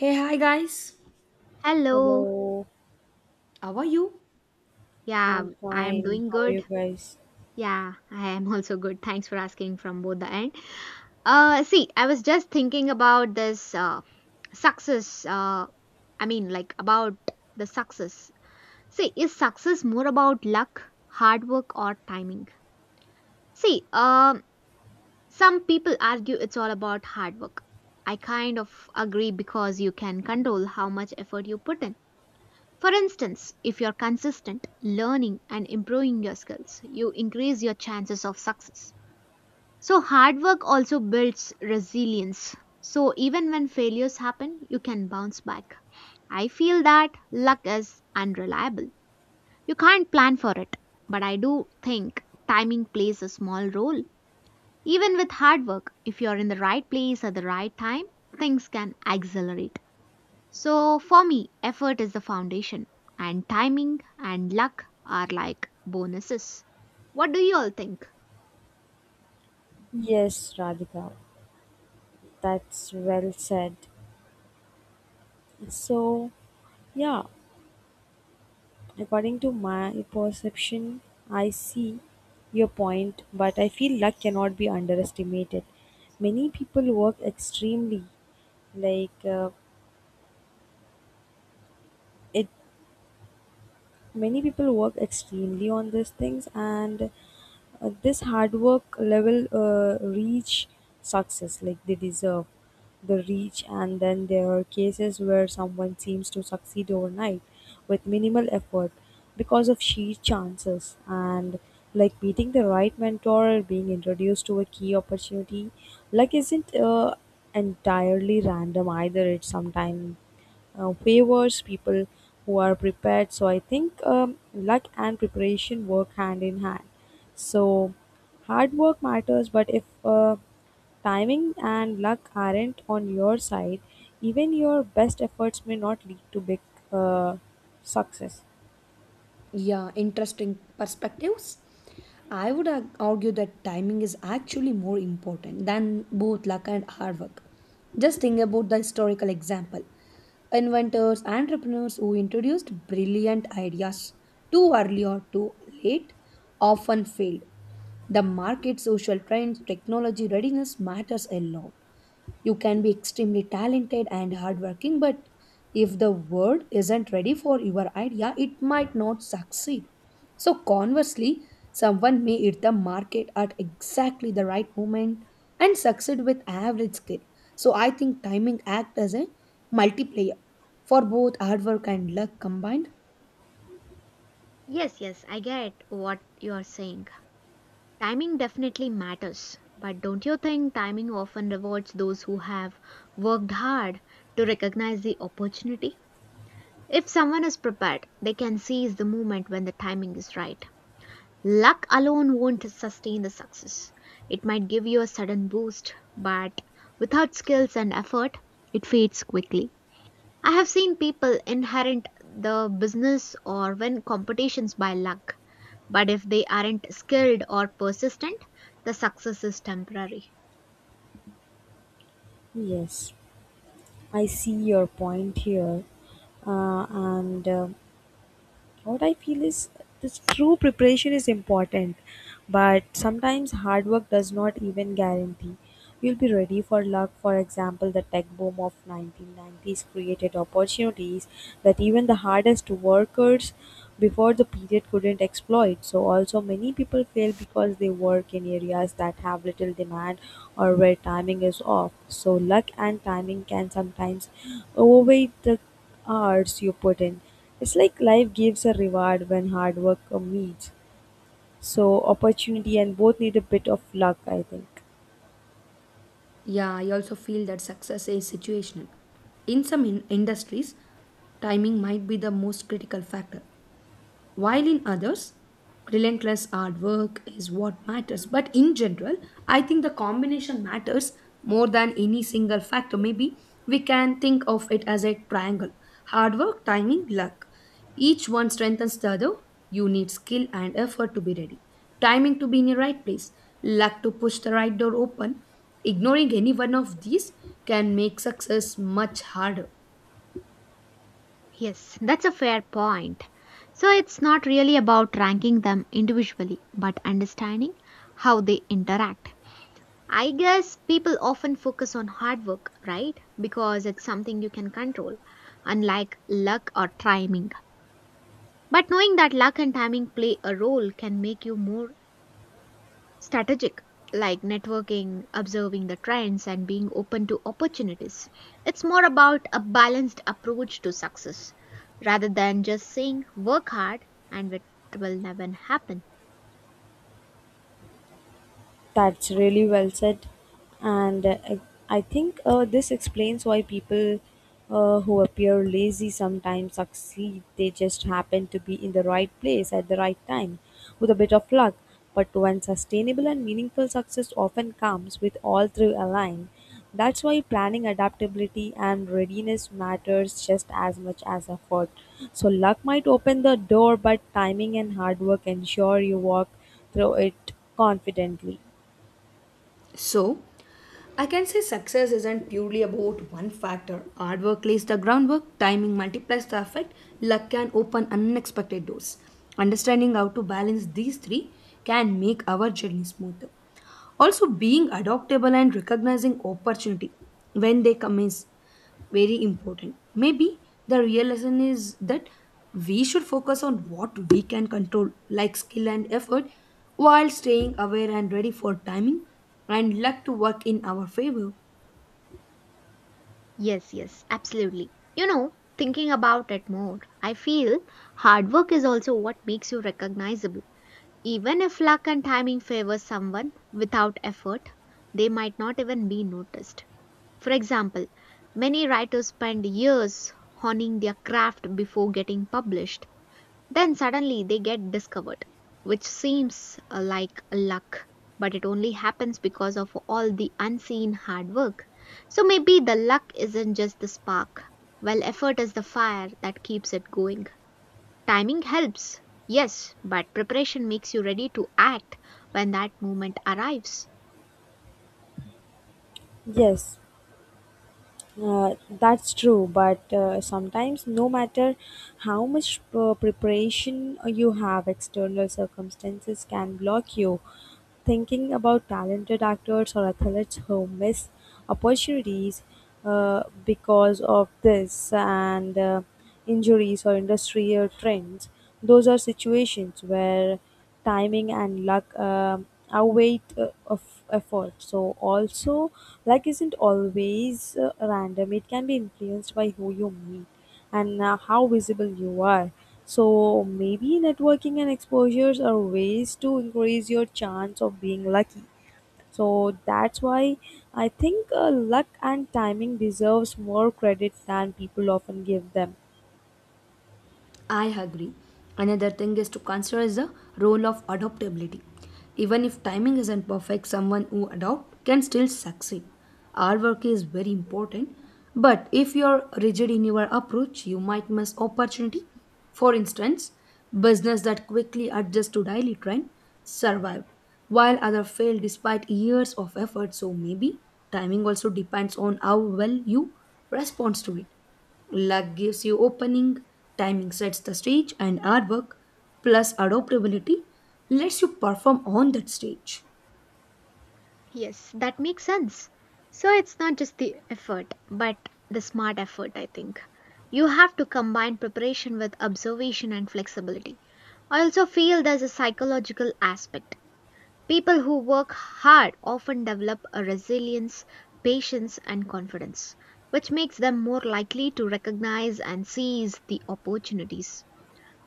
Hey, hi guys. Hello. Hello, How are you? Yeah, I'm I am fine. doing How are good. you guys? Yeah, I am also good. Thanks for asking from both the end. See, I was just thinking about this success. About the success. See, is success more about luck, hard work or timing? See, some people argue it's all about hard work. I kind of agree because you can control how much effort you put in. For instance, if you're consistent, learning and improving your skills, you increase your chances of success. So, hard work also builds resilience. So, even when failures happen, you can bounce back. I feel that luck is unreliable. You can't plan for it, but I do think timing plays a small role. Even with hard work, if you're in the right place at the right time, things can accelerate. So for me, effort is the foundation, and timing and luck are like bonuses. What do you all think? Yes, Radhika, that's well said. So, yeah, according to my perception, I see your point, but I feel luck cannot be underestimated. Many people work extremely, like it. Many people work extremely on these things, and this hard work level reach success like they deserve the reach. And then there are cases where someone seems to succeed overnight with minimal effort because of sheer chances and like meeting the right mentor or being introduced to a key opportunity. Luck isn't entirely random, either. It's sometimes favors people who are prepared, so I think luck and preparation work hand in hand. So, hard work matters, but if timing and luck aren't on your side, even your best efforts may not lead to big uh, success. Yeah, interesting perspectives. I would argue that timing is actually more important than both luck and hard work. Just think about the historical example. Inventors, entrepreneurs who introduced brilliant ideas too early or too late often failed. The market, social trends, technology readiness matters a lot. You can be extremely talented and hardworking, but if the world isn't ready for your idea, it might not succeed. So, conversely, someone may hit the market at exactly the right moment and succeed with average skill. So, I think timing acts as a multiplier for both hard work and luck combined. Yes, yes, I get what you are saying. Timing definitely matters, but don't you think timing often rewards those who have worked hard to recognize the opportunity? If someone is prepared, they can seize the moment when the timing is right. Luck alone won't sustain the success. It might give you a sudden boost, but without skills and effort, it fades quickly. I have seen people inherit the business or win competitions by luck, but if they aren't skilled or persistent, the success is temporary. Yes, I see your point here, and what I feel is this true preparation is important, but sometimes hard work does not even guarantee you'll be ready for luck. For example, the tech boom of 1990s created opportunities that even the hardest workers before the period couldn't exploit. So also many people fail because they work in areas that have little demand or where timing is off. So luck and timing can sometimes overweight the hours you put in. It's like life gives a reward when hard work meets so opportunity, and both need a bit of luck, I think. Yeah, I also feel that success is situational. In some industries, timing might be the most critical factor, while in others relentless hard work is what matters. But in general, I think the combination matters more than any single factor. Maybe we can think of it as a triangle: hard work, timing, luck. Each one strengthens the other. You need skill and effort to be ready, timing to be in the right place, luck to push the right door open. Ignoring any one of these can make success much harder. Yes, that's a fair point. So it's not really about ranking them individually, but understanding how they interact. I guess people often focus on hard work, right? Because it's something you can control, unlike luck or timing. But knowing that luck and timing play a role can make you more strategic, like networking, observing the trends, and being open to opportunities. It's more about a balanced approach to success rather than just saying work hard and it will never happen. That's really well said. And I think this explains why people who appear lazy sometimes succeed. They just happen to be in the right place at the right time with a bit of luck. But when sustainable and meaningful success often comes with all three aligned, that's why planning, adaptability, and readiness matters just as much as effort. So luck might open the door, but timing and hard work ensure you walk through it confidently. So I can say success isn't purely about one factor. Hard work lays the groundwork, timing multiplies the effect, luck can open unexpected doors. Understanding how to balance these three can make our journey smoother. Also, being adaptable and recognizing opportunity when they come is very important. Maybe the real lesson is that we should focus on what we can control, like skill and effort, while staying aware and ready for timing and luck to work in our favor. Yes, yes, absolutely. You know, thinking about it more, I feel hard work is also what makes you recognizable. Even if luck and timing favors someone without effort, they might not even be noticed. For example, many writers spend years honing their craft before getting published. Then suddenly they get discovered, which seems like luck, but it only happens because of all the unseen hard work. So maybe the luck isn't just the spark. Well, effort is the fire that keeps it going. Timing helps, yes, but preparation makes you ready to act when that moment arrives. Yes, that's true. But sometimes, no matter how much preparation you have, external circumstances can block you. Thinking about talented actors or athletes who miss opportunities because of this and injuries or industry or trends, those are situations where timing and luck outweigh of effort. So also luck isn't always random. It can be influenced by who you meet and how visible you are, so maybe networking and exposures are ways to increase your chance of being lucky. So that's why I think luck and timing deserves more credit than people often give them. I agree. Another thing is to consider is the role of adaptability. Even if timing isn't perfect, someone who adopts can still succeed. Our work is very important, but if you're rigid in your approach, you might miss opportunity. For instance, business that quickly adjust to daily trend survived, while other failed despite years of effort. So maybe timing also depends on how well you respond to it. Luck gives you opening, timing sets the stage, and artwork plus adaptability lets you perform on that stage. Yes, that makes sense. So it's not just the effort, but the smart effort, I think. You have to combine preparation with observation and flexibility. I also feel there's a psychological aspect. People who work hard often develop a resilience, patience, and confidence, which makes them more likely to recognize and seize the opportunities.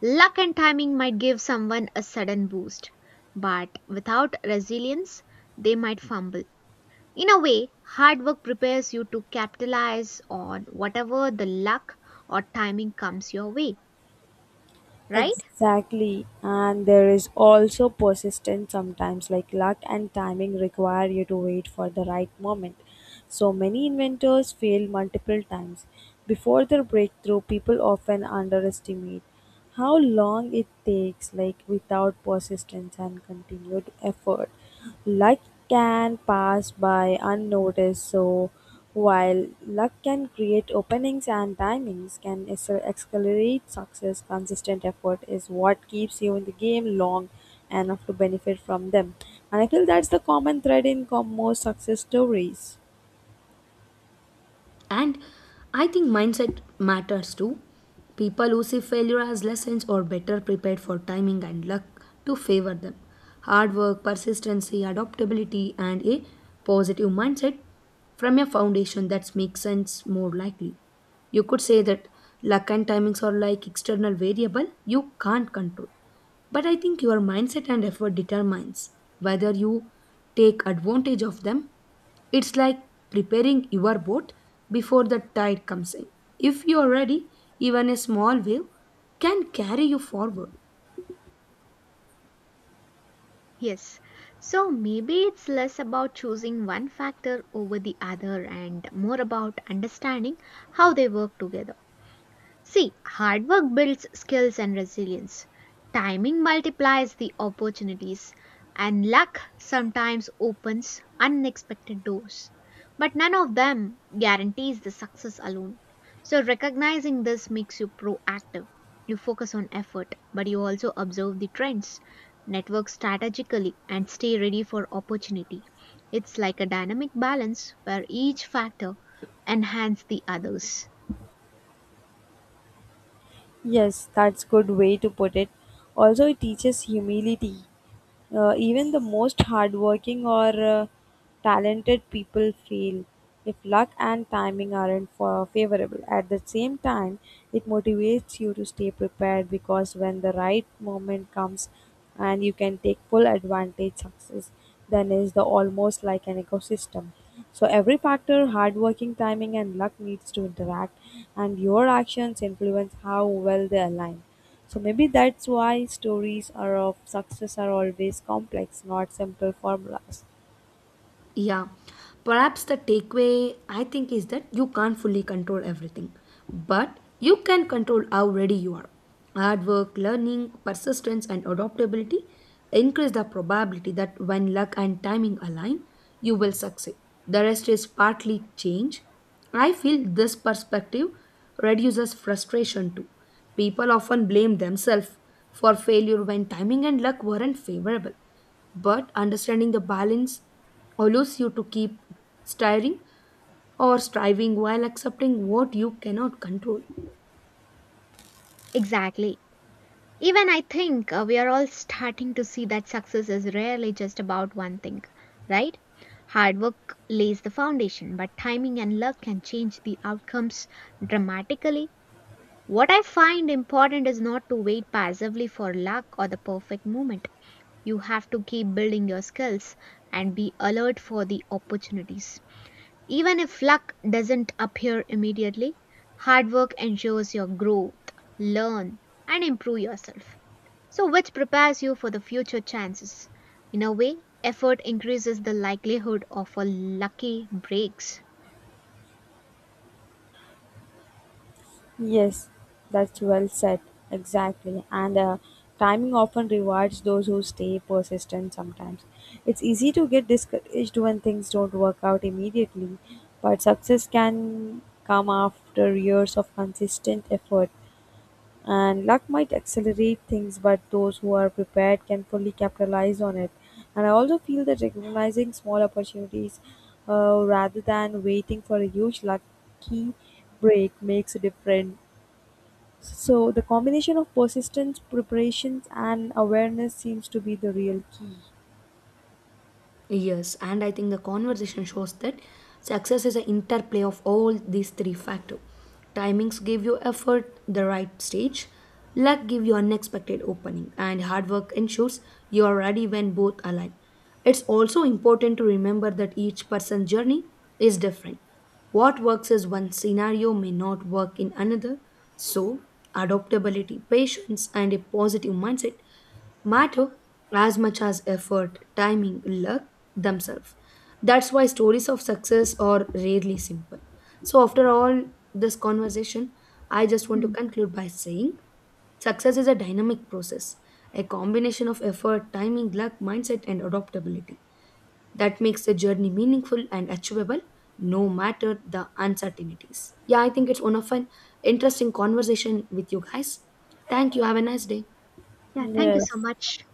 Luck and timing might give someone a sudden boost, but without resilience, they might fumble. In a way, hard work prepares you to capitalize on whatever the luck or timing comes your way, right? Exactly. And there is also persistence sometimes, like luck and timing require you to wait for the right moment. So many inventors fail multiple times. Before their breakthrough, people often underestimate how long it takes, like without persistence and continued effort. Luck can pass by unnoticed, so while luck can create openings and timings can accelerate success, consistent effort is what keeps you in the game long enough to benefit from them. And I feel that's the common thread in most success stories. And I think mindset matters too. People who see failure as lessons are better prepared for timing and luck to favor them. Hard work, persistency, adaptability, and a positive mindset from a foundation that makes sense more likely. You could say that luck and timings are like external variable you can't control, but I think your mindset and effort determines whether you take advantage of them. It's like preparing your boat before the tide comes in. If you are ready, even a small wave can carry you forward. Yes. So maybe it's less about choosing one factor over the other and more about understanding how they work together. See, hard work builds skills and resilience. Timing multiplies the opportunities, and luck sometimes opens unexpected doors. But none of them guarantees the success alone. So, recognizing this makes you proactive. You focus on effort, but you also observe the trends, network strategically, and stay ready for opportunity. It's like a dynamic balance where each factor enhances the others. Yes, that's good way to put it. Also, it teaches humility. Even the most hardworking or talented people fail if luck and timing aren't for favorable. At the same time, it motivates you to stay prepared, because when the right moment comes and you can take full advantage success, then is the almost like an ecosystem. So every factor, hardworking timing and luck, needs to interact and your actions influence how well they align. So maybe that's why stories are of success are always complex, not simple formulas. Yeah, perhaps the takeaway I think is that you can't fully control everything, but you can control how ready you are. Hard work, learning, persistence, and adaptability increase the probability that when luck and timing align, you will succeed. The rest is partly change. I feel this perspective reduces frustration too. People often blame themselves for failure when timing and luck weren't favorable, but understanding the balance allows you to keep stirring or striving while accepting what you cannot control. Exactly. Even I think we are all starting to see that success is rarely just about one thing, right? Hard work lays the foundation, but timing and luck can change the outcomes dramatically. What I find important is not to wait passively for luck or the perfect moment. You have to keep building your skills and be alert for the opportunities. Even if luck doesn't appear immediately, hard work ensures your growth, learn, and improve yourself. So, which prepares you for the future chances. In a way, effort increases the likelihood of a lucky breaks. Yes, that's well said. Exactly. And timing often rewards those who stay persistent sometimes. It's easy to get discouraged when things don't work out immediately, but success can come after years of consistent effort. And luck might accelerate things, but those who are prepared can fully capitalize on it. And I also feel that recognizing small opportunities rather than waiting for a huge lucky break makes a difference. So the combination of persistence preparations and awareness seems to be the real key. Yes, and I think the conversation shows that success is an interplay of all these three factors. Timings give you effort, the right stage, luck give you unexpected opening, and hard work ensures you are ready when both align. It's also important to remember that each person's journey is different. What works in one scenario may not work in another, so adaptability, patience, and a positive mindset matter as much as effort, timing, luck themselves. That's why stories of success are rarely simple. So, after all this conversation, I just want to Hmm. conclude by saying success is a dynamic process, a combination of effort, timing, luck, mindset, and adaptability that makes the journey meaningful and achievable no matter the uncertainties. Yeah, I think it's one of an interesting conversation with you guys. Thank you. Have a nice day. Yeah, thank you so Yes. much.